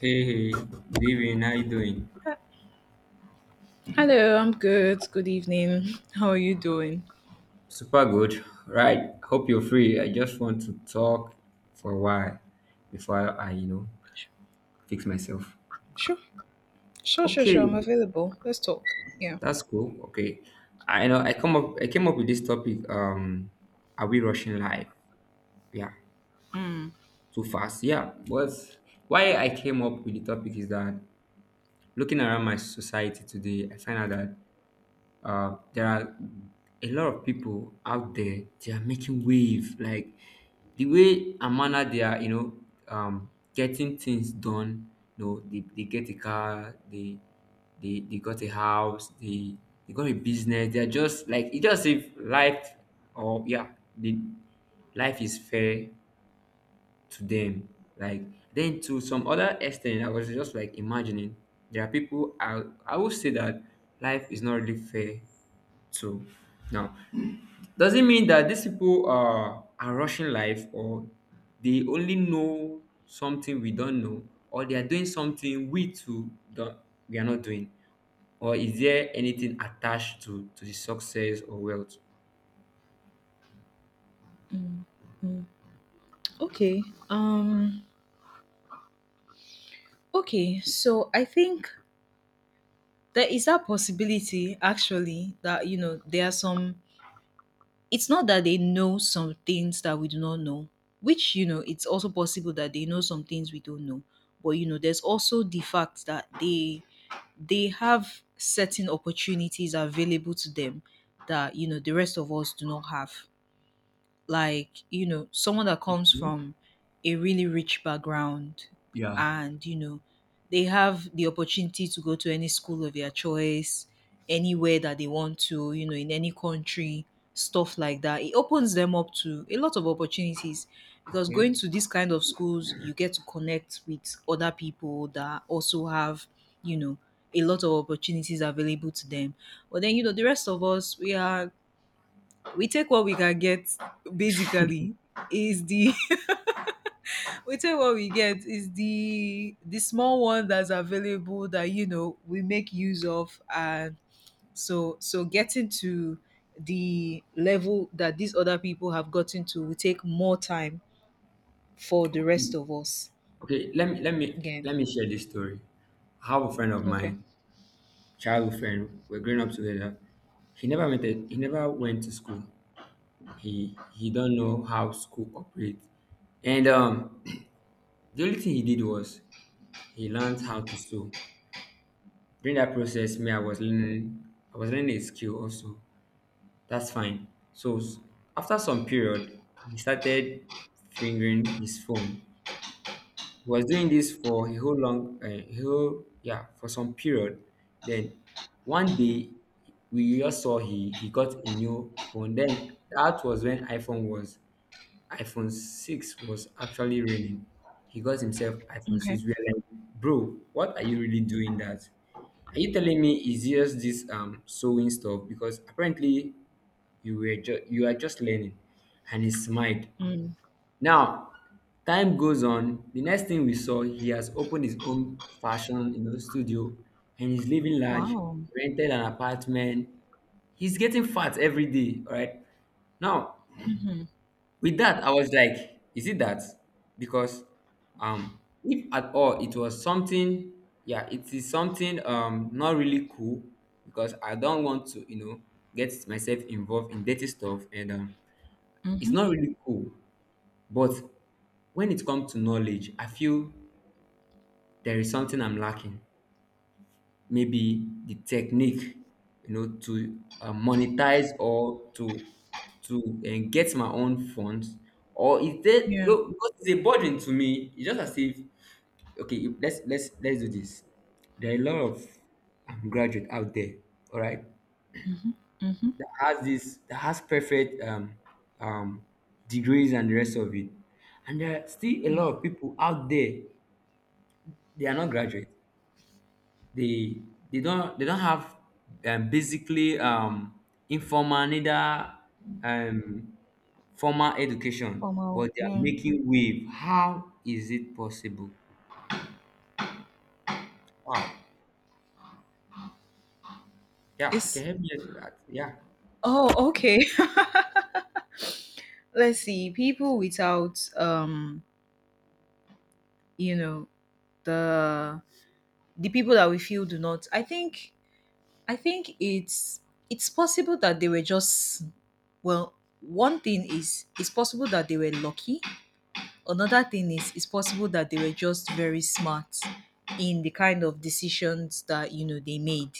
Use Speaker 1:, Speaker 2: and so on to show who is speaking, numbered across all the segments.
Speaker 1: Hey, hey, good evening. How you doing?
Speaker 2: Hello, I'm good. Good evening. How are you doing?
Speaker 1: Super good, right? Hope you're free. I just want to talk for a while before I fix myself.
Speaker 2: Sure, sure, sure, sure. I'm
Speaker 1: Okay,
Speaker 2: available. Let's talk. Yeah.
Speaker 1: that's cool. Okay, I know I come up. I came up with this topic. Are we rushing life? Yeah,
Speaker 2: Mm.
Speaker 1: too fast. Yeah, but why I came up with the topic is that looking around my society today, I find out that there are a lot of people out there, they are making wave like the way and manner they are, getting things done. You know, they get a car, they they got a house, they got a business. They are just like, it's just if life or yeah, the life is fair to them, like. Then to some other extent, I was just like imagining there are people, I would say that life is not really fair. So now, does it mean that these people are rushing life, or they only know something we don't know, or they are doing something we too don't, we are not doing, or is there anything attached to the success or wealth?
Speaker 2: Mm. Okay. Um. Okay. So I think there is that possibility, actually, that you know there are some it's not that they know some things that we do not know, which, you know, it's also possible that they know some things we don't know. But, you know, there's also the fact that they have certain opportunities available to them that, you know, the rest of us do not have, like you know someone that comes from a really rich background, and you know they have the opportunity to go to any school of their choice anywhere that they want to, you know, in any country. Stuff like that, it opens them up to a lot of opportunities, because going to these kind of schools you get to connect with other people that also have, you know, a lot of opportunities available to them. But then, you know, the rest of us, we are we take what we can get basically. Is the we take what we get is the small one that's available that, you know, we make use of. And so getting to the level that these other people have gotten to will take more time for the rest of us
Speaker 1: Okay, let me
Speaker 2: again.
Speaker 1: let me share this story. I have a friend of
Speaker 2: Okay.
Speaker 1: mine, childhood friend. We're growing up together. He never went to school. He don't know how school operates, and the only thing he did was he learned how to sew. During that process, me, I was learning, a skill also. That's fine. So after some period, he started fingering his phone. He was doing this for a whole long whole yeah for some period. Then one day we just saw, he got a new phone. Then that was when iPhone 6 was actually raining. He got himself iPhone
Speaker 2: Okay.
Speaker 1: 6. We are like, bro, what are you really doing that? Are you telling me it's just this sewing stuff? Because apparently you are just learning. And he smiled.
Speaker 2: Mm.
Speaker 1: Now, time goes on. The next thing we saw, he has opened his own fashion, you know, studio, and he's living large,
Speaker 2: Wow.
Speaker 1: rented an apartment. He's getting fat every day, all right? Now, with that I was like, is it that because if at all it was something, yeah, it is something not really cool, because I don't want to, you know, get myself involved in dirty stuff. And it's
Speaker 2: Mm-hmm.
Speaker 1: not really cool. But when it comes to knowledge, I feel there is something I'm lacking, maybe the technique, you know, to monetize or to get my own funds, or is there
Speaker 2: Yeah.
Speaker 1: no? Because it's a burden to me. It's just as if, okay, let's let's do this. There are a lot of graduate out there, all right,
Speaker 2: Mm-hmm. Mm-hmm.
Speaker 1: that has this, that has perfect um degrees and the rest of it. And there are still a lot of people out there, they are not graduate. They they don't have, basically, informal, neither um formal education, but
Speaker 2: Formal,
Speaker 1: they are
Speaker 2: yeah.
Speaker 1: making wave. How is it possible? Wow, yeah, you can
Speaker 2: It's
Speaker 1: help me with that, yeah.
Speaker 2: oh, okay. Let's see, people without um, you know, the the people that we feel do not, I think it's possible that they were just, well, one thing is it's possible that they were lucky. Another thing is it's possible that they were just very smart in the kind of decisions that, you know, they made.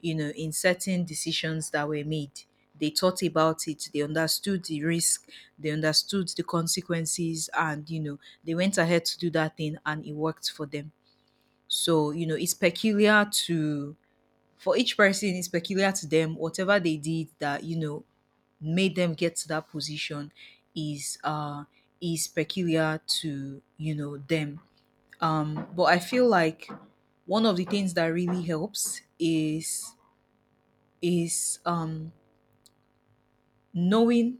Speaker 2: You know, in certain decisions that were made, they thought about it, they understood the risk, they understood the consequences, and you know they went ahead to do that thing and it worked for them. So, you know, it's peculiar to for each person, it's peculiar to them. Whatever they did that, you know, made them get to that position is uh is peculiar to, you know, them. But I feel like one of the things that really helps is knowing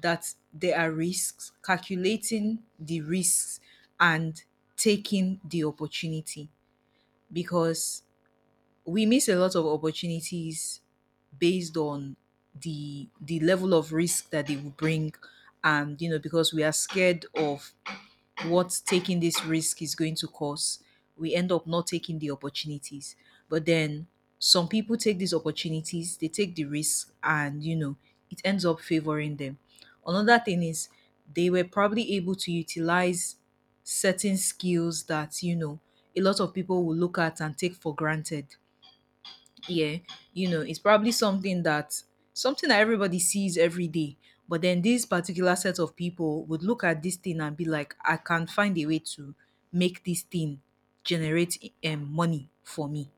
Speaker 2: that there are risks, calculating the risks, and taking the opportunity, because we miss a lot of opportunities based on the level of risk that they will bring. And you know, because we are scared of what taking this risk is going to cause, we end up not taking the opportunities. But then some people take these opportunities, they take the risk, and you know it ends up favoring them. Another thing is they were probably able to utilize certain skills that, you know, a lot of people will look at and take for granted. Yeah, you know, it's probably something that everybody sees every day, but then this particular set of people would look at this thing and be like, I can find a way to make this thing generate money for me.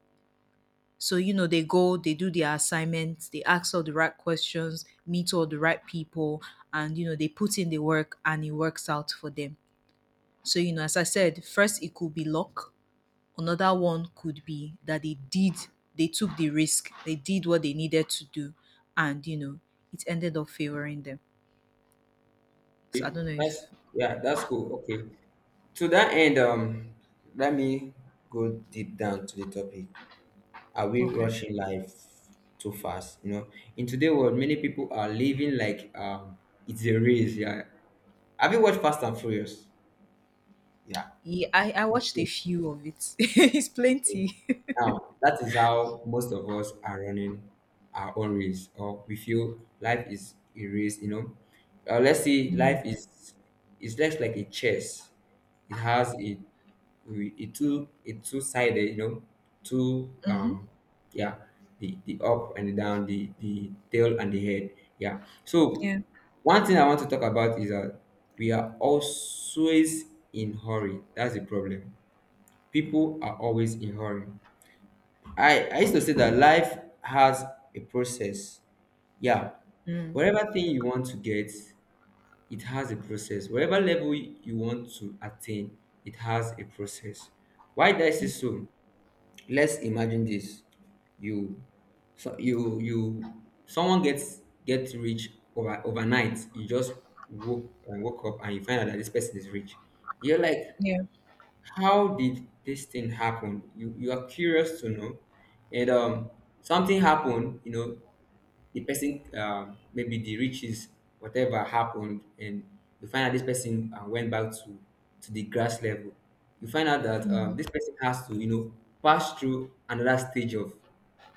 Speaker 2: So you know, they go, they do their assignments, they ask all the right questions, meet all the right people, and you know they put in the work and it works out for them. So you know, as I said, first it could be luck. Another one could be that they took the risk, they did what they needed to do, and you know, it ended up favoring them. So I don't know if,
Speaker 1: That's yeah,
Speaker 2: if
Speaker 1: that's cool. Okay, to that end, let me go deep down to the topic. Are we
Speaker 2: Okay.
Speaker 1: rushing life too fast, you know? In today's world, many people are living like it's a race, yeah. Have you watched Fast and Furious? Yeah.
Speaker 2: Yeah, I watched a few of it. It's plenty.
Speaker 1: Now, that is how most of us are running our own race, or we feel life is a race, you know. Let's see,
Speaker 2: Mm.
Speaker 1: life is less like a chess. It has a a two sided, you know, two
Speaker 2: Mhm.
Speaker 1: yeah, the up and the down, the tail and the head. Yeah. So
Speaker 2: Yeah.
Speaker 1: one thing I want to talk about is that we are always in hurry. That's the problem. People are always in hurry. I used to say that life has a process. Yeah,
Speaker 2: Mm.
Speaker 1: whatever thing you want to get, it has a process. Whatever level you want to attain, it has a process. Why did I say so? Let's imagine this: you, so you someone gets rich overnight. You just woke up and you find out that this person is rich. You're like,
Speaker 2: Yeah.
Speaker 1: how did this thing happen? You are curious to know. And something happened, you know, the person, maybe the riches, whatever happened. And you find out this person, went back to the grass level. You find out that,
Speaker 2: Mm.
Speaker 1: this person has to, you know, pass through another stage of,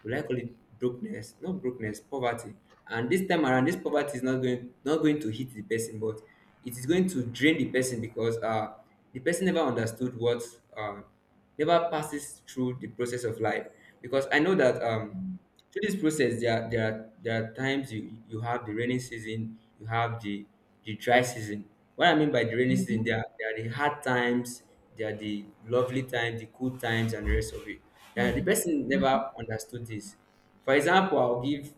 Speaker 1: we like call it, brokenness, not brokenness poverty. And this time around, this poverty is not going, to hit the person, but it is going to drain the person because, the person never understood what, uh, never passes through the process of life. Because I know that,
Speaker 2: Mm.
Speaker 1: through this process there are times you have the rainy season, you have the dry season. What I mean by the rainy season,
Speaker 2: Mhm.
Speaker 1: there are the hard times, there are the lovely times, the cool times, and the rest of it, and the
Speaker 2: Mhm.
Speaker 1: person
Speaker 2: Mhm.
Speaker 1: never understood this. For example, I'll give,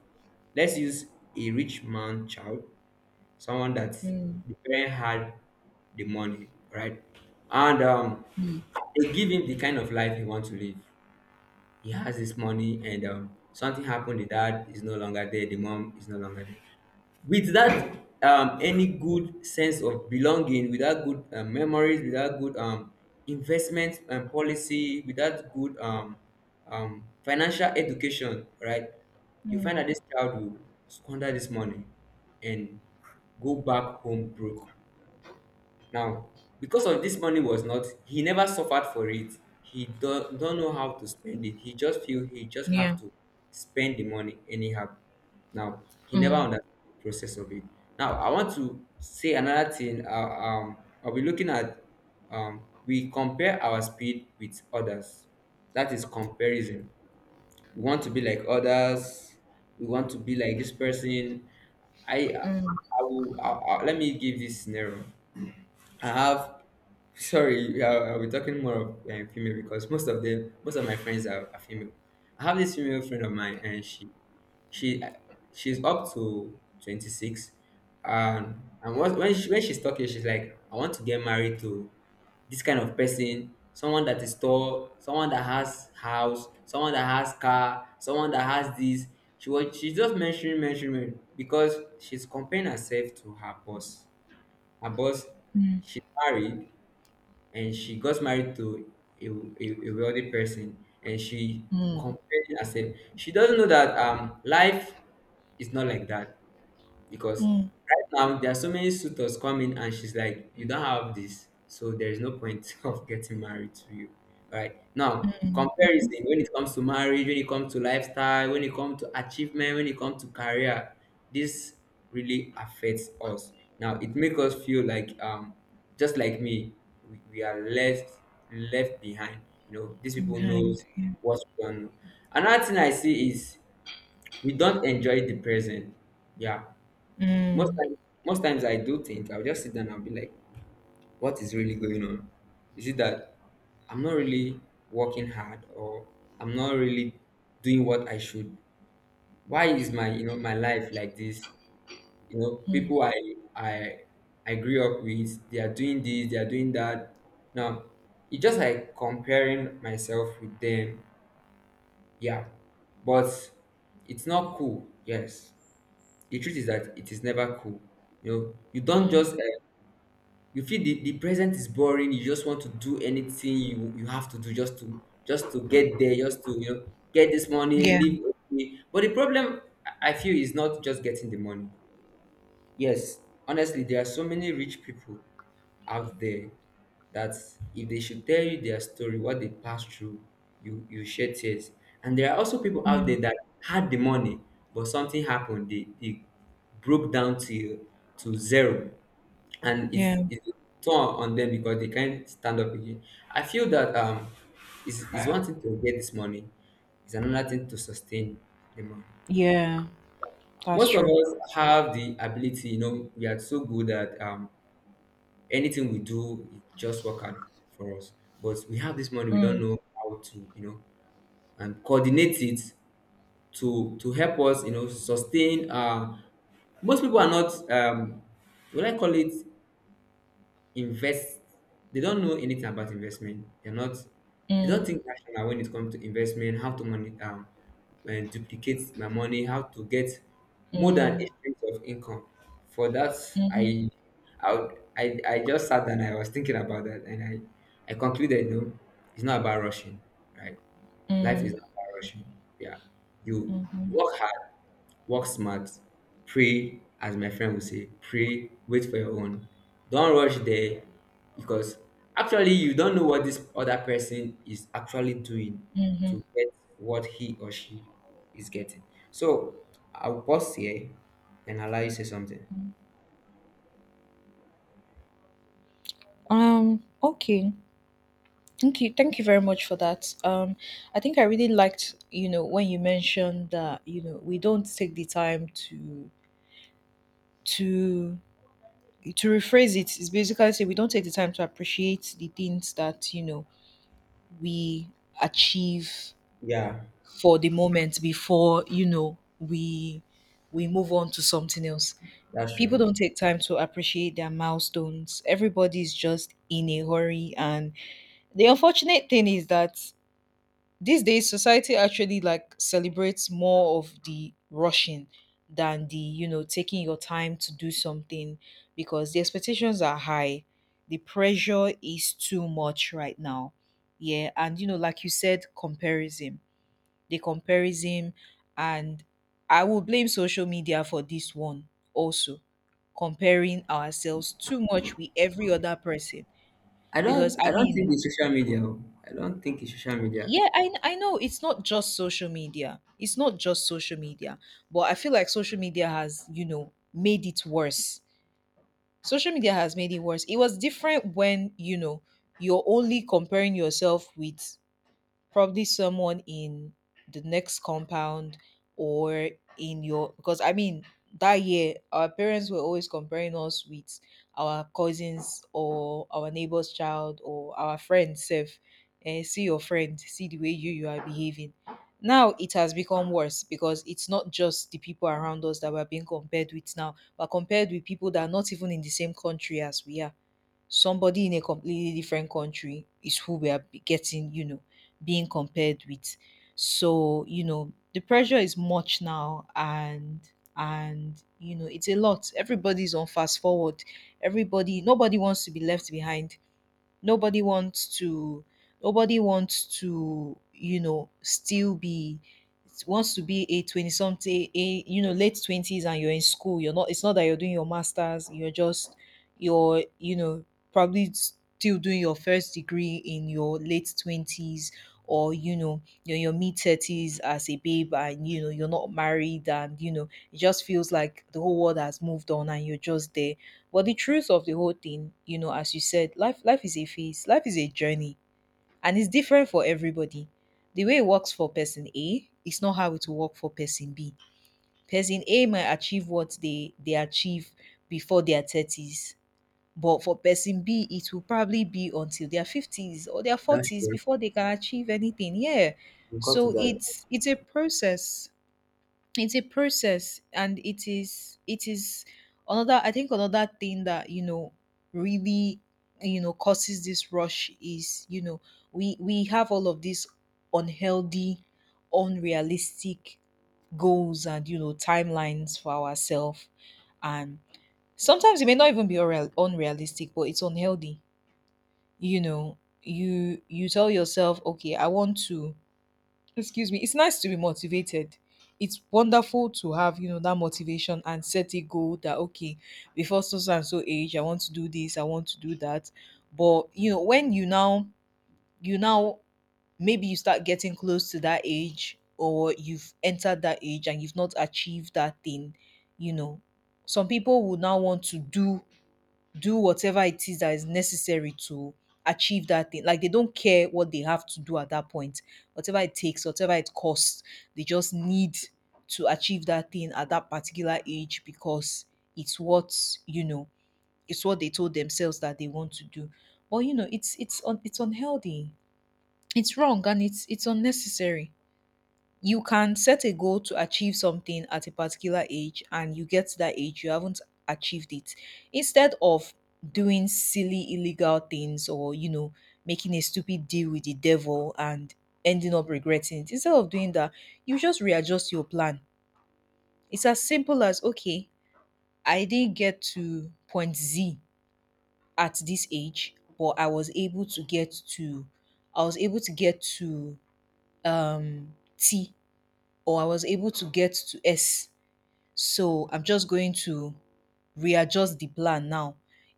Speaker 1: let's use a rich man child, someone that
Speaker 2: Mm.
Speaker 1: the parent had the money, right? And
Speaker 2: Mm.
Speaker 1: they give him the kind of life he wants to live. He has this money, and, something happened. The dad is no longer there, the mom is no longer there. With that, any good sense of belonging, without good, memories, without good, investment and policy, without good, financial education, right? You find
Speaker 2: Mm.
Speaker 1: that this child will squander this money and go back home broke. Now, because of this money was not, he never suffered for it. Don't know how to spend it. He just feel he just have
Speaker 2: Yeah.
Speaker 1: to spend the money anyhow. Now, he never
Speaker 2: Mm.
Speaker 1: understood the process of it. Now, I want to say another thing. I'll be looking at, we compare our speed with others. That is comparison. We want to be like others. We want to be like this person. I will. I, let me give this scenario. I have. Sorry, yeah, I'll be talking more of female, because most of them, most of my friends are female. I have this female friend of mine, and she, she's up to 26, and when she, when she's talking, she's like, I want to get married to this kind of person, someone that is tall, someone that has house, someone that has car, someone that has this. She was, she just mentioning mentioning because she's comparing herself to her boss. Her boss,
Speaker 2: Mm.
Speaker 1: she's married, and she got married to a, a wealthy person, and she
Speaker 2: Mm.
Speaker 1: compared herself. She doesn't know that, life is not like that, because
Speaker 2: Mm.
Speaker 1: right now there are so many suitors coming, and she's like, you don't have this, so there is no point of getting married to you right now.
Speaker 2: Mm.
Speaker 1: Comparison, when it comes to marriage, when it comes to lifestyle, when it comes to achievement, when it comes to career, this really affects us. Now it makes us feel like, just like me, we are left, left behind, you know. These people
Speaker 2: Behind.
Speaker 1: knows
Speaker 2: Yeah.
Speaker 1: what we don't know. Another thing I see is we don't enjoy the present, yeah. Most
Speaker 2: Mm.
Speaker 1: times, most times I do think I'll just sit down and I'll be like, what is really going on? Is it that I'm not really working hard, or I'm not really doing what I should? Why is my, you know, my life like this? You know,
Speaker 2: Mm.
Speaker 1: people I I grew up with, they are doing this, they are doing that. Now it's just like comparing myself with them, yeah. But it's not cool, yes. The truth is that it is never cool. You know, you don't
Speaker 2: Mm.
Speaker 1: just, you feel the present is boring, you just want to do anything, you have to do, just to get there, just to, you know, get this money,
Speaker 2: Yeah.
Speaker 1: live. Okay, but the problem I feel is not just getting the money. Yes, honestly, there are so many rich people out there that, if they should tell you their story, what they passed through, you shed tears. And there are also people out
Speaker 2: Mm.
Speaker 1: there that had the money, but something happened. They they broke down to zero, and
Speaker 2: Yeah.
Speaker 1: it's torn on them, because they can't stand up again. I feel that, it's one thing to get this money, it's another thing to sustain the money.
Speaker 2: Yeah. That's
Speaker 1: Most of
Speaker 2: true.
Speaker 1: us have the ability, we are so good that anything we do, it just work out for us. But we have this money, we don't
Speaker 2: Mm,
Speaker 1: know how to, and coordinate it to help us, sustain. Most people are not will I call it invest, they don't know anything about investment, they're not, they don't
Speaker 2: mm,
Speaker 1: think rational when it comes to investment, how to money and duplicate my money, how to get more than
Speaker 2: mm,
Speaker 1: eight streams of income for that.
Speaker 2: mhm,
Speaker 1: I i would- i, I just sat and I was thinking about that, and I concluded, it's not about rushing, right? Life is
Speaker 2: mm,
Speaker 1: not about rushing, yeah. You
Speaker 2: mhm.
Speaker 1: work hard, work smart, pray, as my friend would say, pray, wait for your own. Don't rush there, because actually you don't know what this other person is actually doing to get what he or she is getting. So I'll pause here and allow you to say something.
Speaker 2: Okay. Thank you. Thank you very much for that. I think I really liked, you know, when you mentioned that, you know, we don't take the time to to rephrase it. It is basically say we don't take the time to appreciate the things that, you know, we achieve
Speaker 1: Yeah,
Speaker 2: for the moment before, you know, we move on to something else.
Speaker 1: that's
Speaker 2: People
Speaker 1: true.
Speaker 2: don't take time to appreciate their milestones. Everybody's just in a hurry, and the unfortunate thing is that these days society actually like celebrates more of the rushing than the, you know, taking your time to do something, because the expectations are high. The pressure is too much right now. Yeah, and you know, like you said, comparison, the comparison, and I will blame social media for this one also. Comparing ourselves too much with every other person
Speaker 1: I
Speaker 2: because
Speaker 1: don't I
Speaker 2: I
Speaker 1: don't think
Speaker 2: mean,
Speaker 1: it's social media. Oh. I don't think it's social media.
Speaker 2: yeah, I know it's not just social media. It's not just social media, but I feel like social media has, you know, made it worse. Social media has made it worse. It was different when, you know, you're only comparing yourself with probably someone in the next compound, or in your because I mean, that year our parents were always comparing us with our cousins or our neighbor's child or our friends self, and see your friend see the way you you are behaving. Now it has become worse because it's not just the people around us that we're being compared with now, but compared with people that are not even in the same country as we are. Somebody in a completely different country is who we are getting, you know, being compared with. So, you know, the pressure is much now, and you know, it's a lot. Everybody's on fast forward. Everybody nobody wants to be left behind. Nobody wants to, you know, still be wants to be a 20 something a you know late 20s, and you're in school, you're not, it's not that you're doing your masters, you're just you're, you know, probably still doing your first degree in your late 20s, or you know, you're in your mid 30s as a babe and you know you're not married and you know it just feels like the whole world has moved on and you're just there. But the truth of the whole thing, you know, as you said, life life is a phase, life is a journey, and it's different for everybody. The way it works for person A is not how it will work for person B. Person A might achieve what they achieve before their thirties, but for person B, it will probably be until their fifties or their
Speaker 1: That's
Speaker 2: forties
Speaker 1: true.
Speaker 2: before they can achieve anything. Yeah,
Speaker 1: We got to
Speaker 2: so
Speaker 1: that.
Speaker 2: it's a process, it's a process, and it is another, I think another thing that, you know, really, you know, causes this rush is, you know, we have all of these unhealthy unrealistic goals and you know timelines for ourselves. And sometimes it may not even be unrealistic, but it's unhealthy. You know, you tell yourself, okay, I want to, excuse me, it's nice to be motivated, it's wonderful to have you know that motivation and set a goal that, okay, before so so and so age I want to do this, I want to do that. But you know, when you now maybe you start getting close to that age or you've entered that age and you've not achieved that thing, you know, some people would now want to do whatever it is that is necessary to achieve that thing. Like they don't care what they have to do at that point. Whatever it takes, whatever it costs, they just need to achieve that thing at that particular age because it's what, you know, it's what they told themselves that they want to do. But you know, it's unhealthy. It's wrong and it's unnecessary. You can set a goal to achieve something at a particular age, and you get to that age you haven't achieved it. Instead of doing silly illegal things or you know making a stupid deal with the devil and ending up regretting it, instead of doing that, you just readjust your plan. It's as simple as, okay, I didn't get to point Z at this age, but I was able to get to T, or I was able to get to S. So I'm just going to readjust the plan now.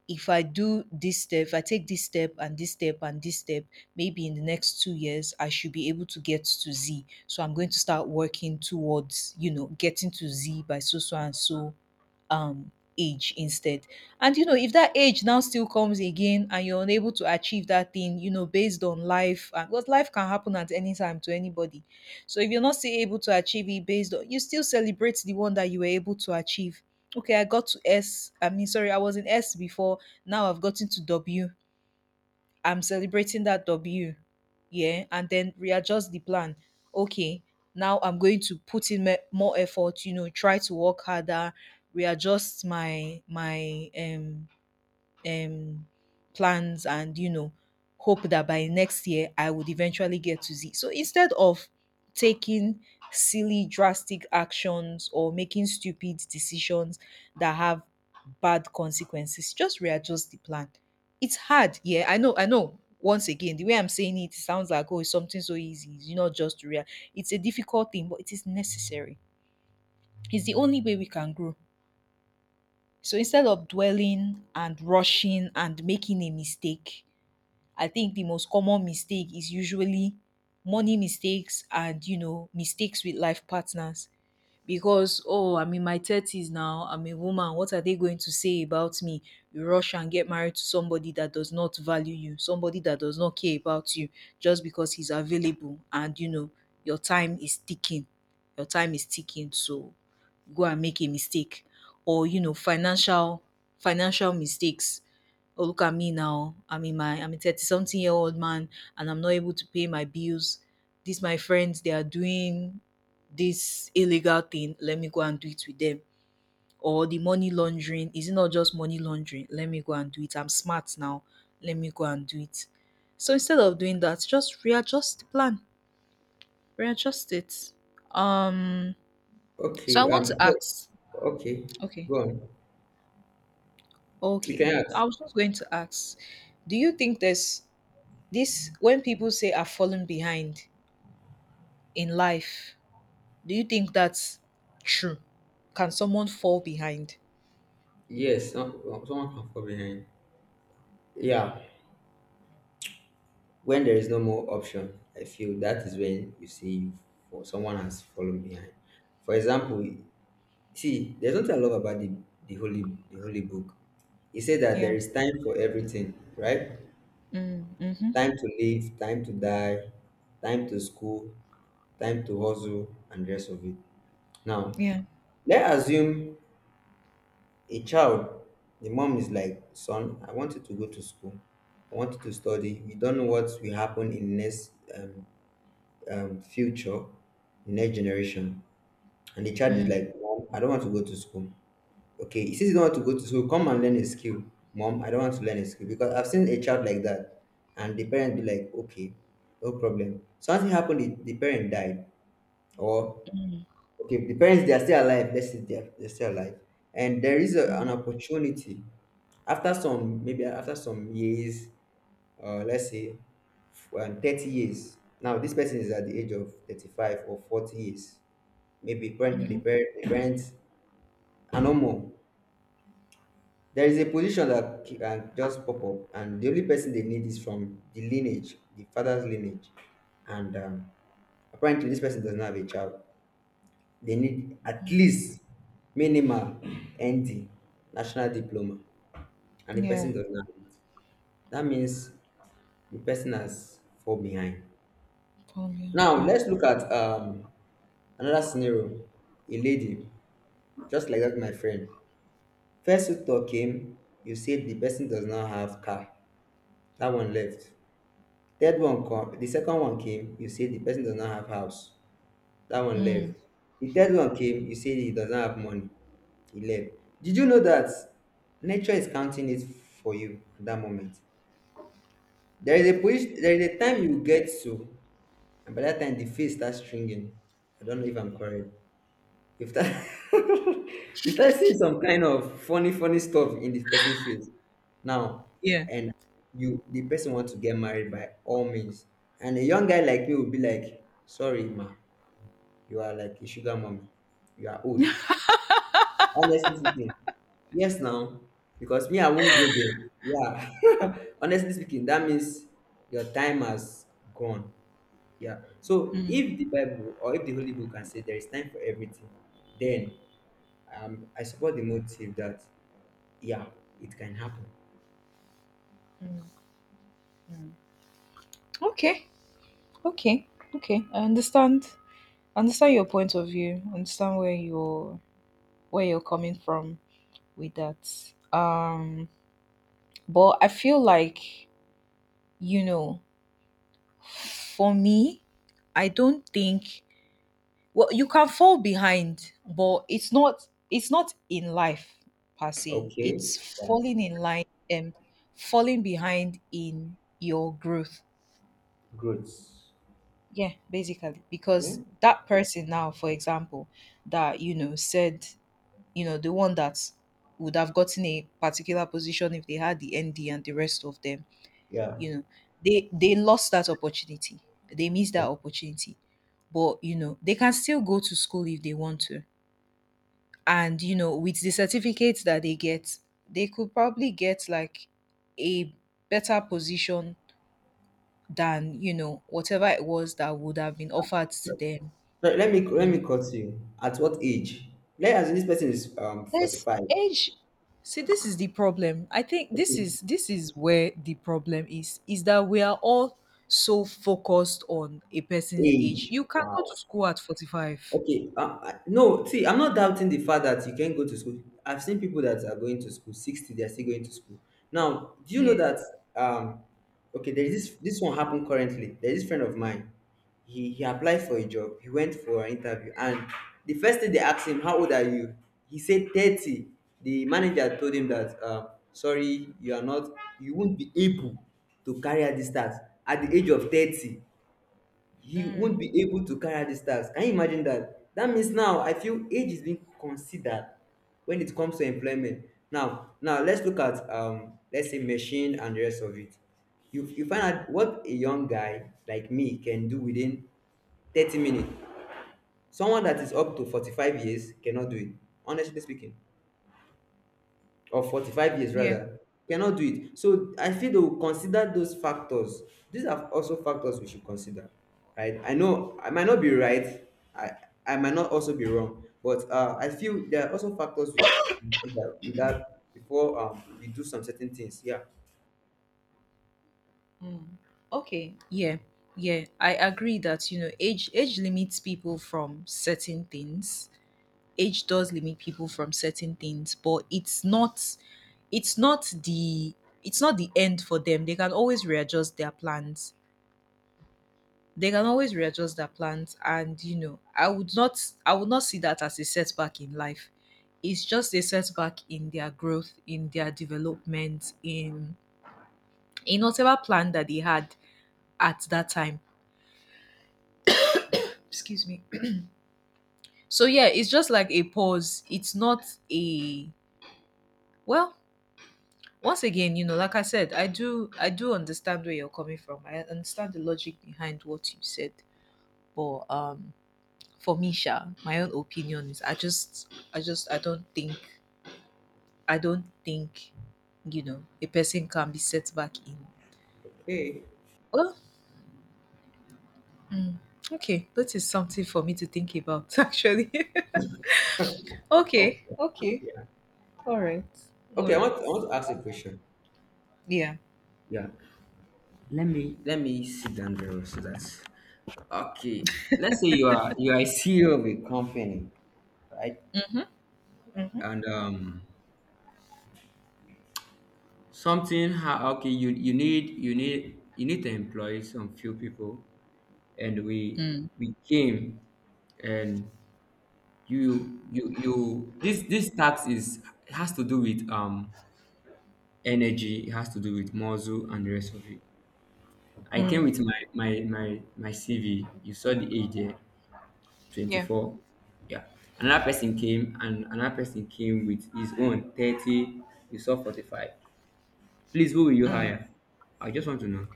Speaker 2: If I do this step, if I take this step and this step and this step, maybe in the next 2 years, I should be able to get to Z. So I'm going to start working towards, you know, getting to Z by so, so, and so age instead. And you know, if that age now still comes again and you're unable to achieve that thing, you know, based on life, and because life can happen at any time to anybody, so if you're not still able to achieve it based on, you still celebrate the one that you were able to achieve. Okay, I got to S. I mean, sorry, I was in S before. Now I've gotten to W. I'm celebrating that W. Yeah, and then readjust the plan. Okay, now I'm going to put in more effort. You know, try to work harder, readjust my um, plans, and you know, hope that by next year I would eventually get to Z. So instead of taking silly drastic actions or making stupid decisions that have bad consequences, just readjust the plan. It's hard. Yeah, I know, I know. Once again, the way I'm saying it, it sounds like, oh, it's something so easy. You know, just to real. It's a difficult thing, but it is necessary. It's the only way we can grow. So instead of dwelling and rushing and making a mistake, I think the most common mistake is usually money mistakes and, you know, mistakes with life partners, because oh, I'm in my 30s now, I'm a woman, what are they going to say about me? You rush and get married to somebody that does not value you, somebody that does not care about you, just because he's available, and you know, your time is ticking, your time is ticking, so go and make a mistake. Or you know, financial mistakes. Oh, look at me now, I'm in my I'm a 30 something year old man and I'm not able to pay my bills. These my friends, they are doing this illegal thing, let me go and do it with them. Or the money laundering, is it not just money laundering? Let me go and do it. I'm smart now. Let me go and do it. So instead of doing that, just readjust the plan. Readjust it. Um
Speaker 1: Okay,
Speaker 2: so I want to ask.
Speaker 1: okay,
Speaker 2: Okay.
Speaker 1: go on. You can
Speaker 2: Okay. I
Speaker 1: ask.
Speaker 2: was just going to ask, do you think there's this, when people say I've fallen behind in life, do you think that's true? Can someone fall behind?
Speaker 1: Yes, someone can fall behind. Yeah, when there is no more option, I feel that is when you see you for someone has fallen behind. For example, see, there's nothing I love about the holy book. It said that there
Speaker 2: Yeah.
Speaker 1: is time for everything, right?
Speaker 2: Mm, mm-hmm.
Speaker 1: Time to live, time to die, time to school, time to hustle, and the rest of it. Now,
Speaker 2: Yeah.
Speaker 1: let's assume a child, the mom is like, son, I want you to go to school. I want you to study. We don't know what will happen in next future, next generation. And the child is
Speaker 2: Mm.
Speaker 1: like, mom, I don't want to go to school. Okay, he says he don't want to go to school. Come and learn a skill. Mom, I don't want to learn a skill because I've seen a child like that. And the parent be like, okay, no problem. Something happened, the parent died, or
Speaker 2: Mm.
Speaker 1: okay, the parents they are still alive. Let's say they're still alive, and there is an
Speaker 2: Mm.
Speaker 1: opportunity after some, maybe after some years, let's say 30 years. Now this person is at the age of 35 or 40 years. Maybe currently
Speaker 2: Mhm.
Speaker 1: the parents are no more. There is a position that can just pop up, and the only person they need is from the lineage, the father's lineage, and apparently this person does not have a child. They need at
Speaker 2: Mm.
Speaker 1: least minimal ND, national diploma, and the person
Speaker 2: Yeah.
Speaker 1: does not have it. That means the person has fall behind.
Speaker 2: Falling behind.
Speaker 1: Now
Speaker 2: Yeah.
Speaker 1: let's look at another scenario. A lady, just like that, my friend. First you talk came, you said the person does not have car. That one left. The second one came, you said the person does not have house. That one left.
Speaker 2: Mm.
Speaker 1: The third one came, you said he does not have money. 11. Did you know that nature is counting it for you at that moment? There is a position, there is a time you get to, and by that time the face starts stringing. I don't know if I'm correct. You start, you start seeing some kind of funny, funny stuff in this person's face now,
Speaker 2: Yeah.
Speaker 1: and you the person wants to get married by all means. And a young guy like me will be like, sorry, ma, you are like a sugar mommy. You are old. Honestly speaking, yes now, because me I won't go there. Yeah. Honestly speaking, that means your time has gone. Yeah. So
Speaker 2: Mm.
Speaker 1: if the Bible or if the Holy Book can say there is time for everything, then I support the motive that, yeah, it can happen.
Speaker 2: Mm. Mm. Okay. Okay. Okay, I understand. I understand your point of view. I understand where you're, where you're coming from with that. Um, but I feel like, you know, for me, I don't think. Well, you can fall behind, but it's not in life per se.
Speaker 1: Okay.
Speaker 2: It's
Speaker 1: Yeah.
Speaker 2: falling in line and falling behind in your growth.
Speaker 1: Growth.
Speaker 2: Yeah, basically. Because
Speaker 1: Hmm?
Speaker 2: that person now, for example, that you know said, you know, the one that would have gotten a particular position if they had the ND and the rest of them,
Speaker 1: Yeah.
Speaker 2: you know, they lost that opportunity. They missed that opportunity. But you know, they can still go to school if they want to, and you know, with the certificates that they get, they could probably get like a better position than, you know, whatever it was that would have been offered to
Speaker 1: So,
Speaker 2: them.
Speaker 1: so let me
Speaker 2: You know,
Speaker 1: cut you. At what age? Let us, this person is forty
Speaker 2: there's
Speaker 1: five.
Speaker 2: age. See, this is the problem, I think this
Speaker 1: Okay.
Speaker 2: is this is where the problem is that we are all so focused on a person's age.
Speaker 1: Age.
Speaker 2: You can go
Speaker 1: Wow.
Speaker 2: to school at 45.
Speaker 1: Okay, no, see, I'm not doubting the fact that you can go to school. I've seen people that are going to school, 60, they're still going to school. Now, do you know
Speaker 2: Yeah.
Speaker 1: that, um, okay, there is this one happened currently. There's this friend of mine. He applied for a job. He went for an interview. And the first thing they asked him, how old are you? He said 30. The manager told him that, sorry, you are not, you won't be able to carry out this task at the age of 30. He won't
Speaker 2: Mm.
Speaker 1: be able to carry out these tasks. Can you imagine that? That means now I feel age is being considered when it comes to employment. Now let's look at let's say machine and the rest of it. You find out what a young guy like me can do within 30 minutes. Someone that is up to 45 years cannot do it. Honestly speaking. Or 45 years
Speaker 2: Yeah.
Speaker 1: rather cannot do it, so I feel they will consider those factors. These are also factors we should consider, right? I know I might not be right. I i might not also be wrong, but I feel there are also factors we should consider with that before, we do some certain things, yeah.
Speaker 2: Mm. Okay. Yeah. Yeah, I agree that, you know, age limits people from certain things. Age does limit people from certain things, but it's not the it's not the end for them. They can always readjust their plans. They can always readjust their plans, and you know, I would not see that as a setback in life. It's just a setback in their growth, in their development, in whatever plan that they had at that time. Excuse me. So yeah, it's just like a pause. It's not a, well, once again, you know, like I said, I do understand where you're coming from. I understand the logic behind what you said, but um, for me Sha, my own opinion is, I don't think, I don't think, you know, a person can be set back in.
Speaker 1: Okay.
Speaker 2: Well, mm, okay, that is something for me to think about. Actually, okay,
Speaker 1: Okay.
Speaker 2: okay,
Speaker 1: Yeah.
Speaker 2: all right, all
Speaker 1: Okay, i want
Speaker 2: right,
Speaker 1: i want to ask a question.
Speaker 2: yeah.
Speaker 1: Yeah. Let me sit down there, so that, okay, let's say you are a CEO of a company, right? And something how, okay, you need to employ some few people, and we
Speaker 2: Hmm.
Speaker 1: we came, and you this tax is, has to do with energy, it has to do with muscle and the rest of it. I came
Speaker 2: Mm,
Speaker 1: with my CV, you saw the age there,
Speaker 2: yeah.
Speaker 1: 24. Yeah. Another person came, and another person came with his own 30, you saw 45. Please, who will you
Speaker 2: Mm.
Speaker 1: hire? I just want to know.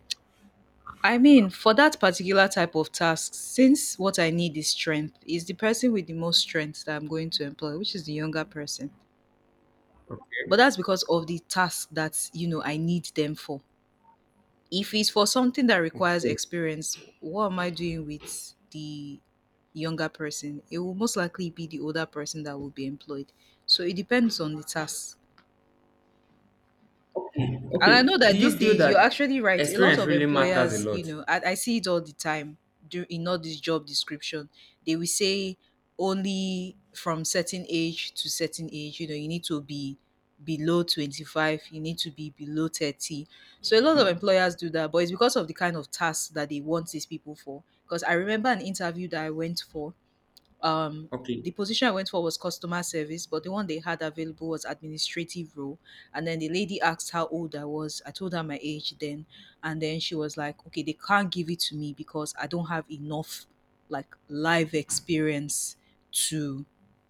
Speaker 2: I mean, for that particular type of task, since what I need is strength, is the person with the most strength that I'm going to employ, which is the younger person. But
Speaker 1: Okay.
Speaker 2: that's because of the task that you know I need them for. If it's for something that requires
Speaker 1: Okay.
Speaker 2: experience, what am I doing with the younger person? It will most likely be the older person that will be employed. So it depends on the task. And I
Speaker 1: Okay.
Speaker 2: know
Speaker 1: Do
Speaker 2: that
Speaker 1: you
Speaker 2: these
Speaker 1: feel
Speaker 2: days, you're
Speaker 1: that
Speaker 2: actually right. A lot
Speaker 1: experience
Speaker 2: of
Speaker 1: really matters a
Speaker 2: employers, you
Speaker 1: lot?
Speaker 2: know, I see it all the time do, in all this job description. They will say, only from certain age to certain age, you know, you need to be below 25, you need to be below 30. So a lot of employers do that, but it's because of the kind of tasks that they want these people for. Because I remember an interview that I went for, um
Speaker 1: Okay.
Speaker 2: the position I went for was customer service, but the one they had available was administrative role. And then the lady asked how old I was. I told her my age then, and then she was like, "Okay, they can't give it to me because I don't have enough like live experience to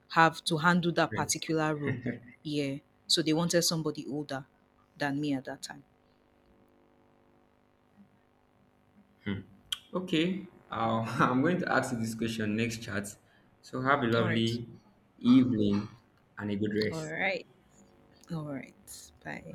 Speaker 2: have to handle that
Speaker 1: Experience.
Speaker 2: particular role." Yeah, so they wanted somebody older than me at that time.
Speaker 1: Okay. I'll, I'm going to ask you this question next chat. So have a
Speaker 2: All right,
Speaker 1: lovely evening and a good
Speaker 2: all
Speaker 1: rest.
Speaker 2: right, all right. Bye.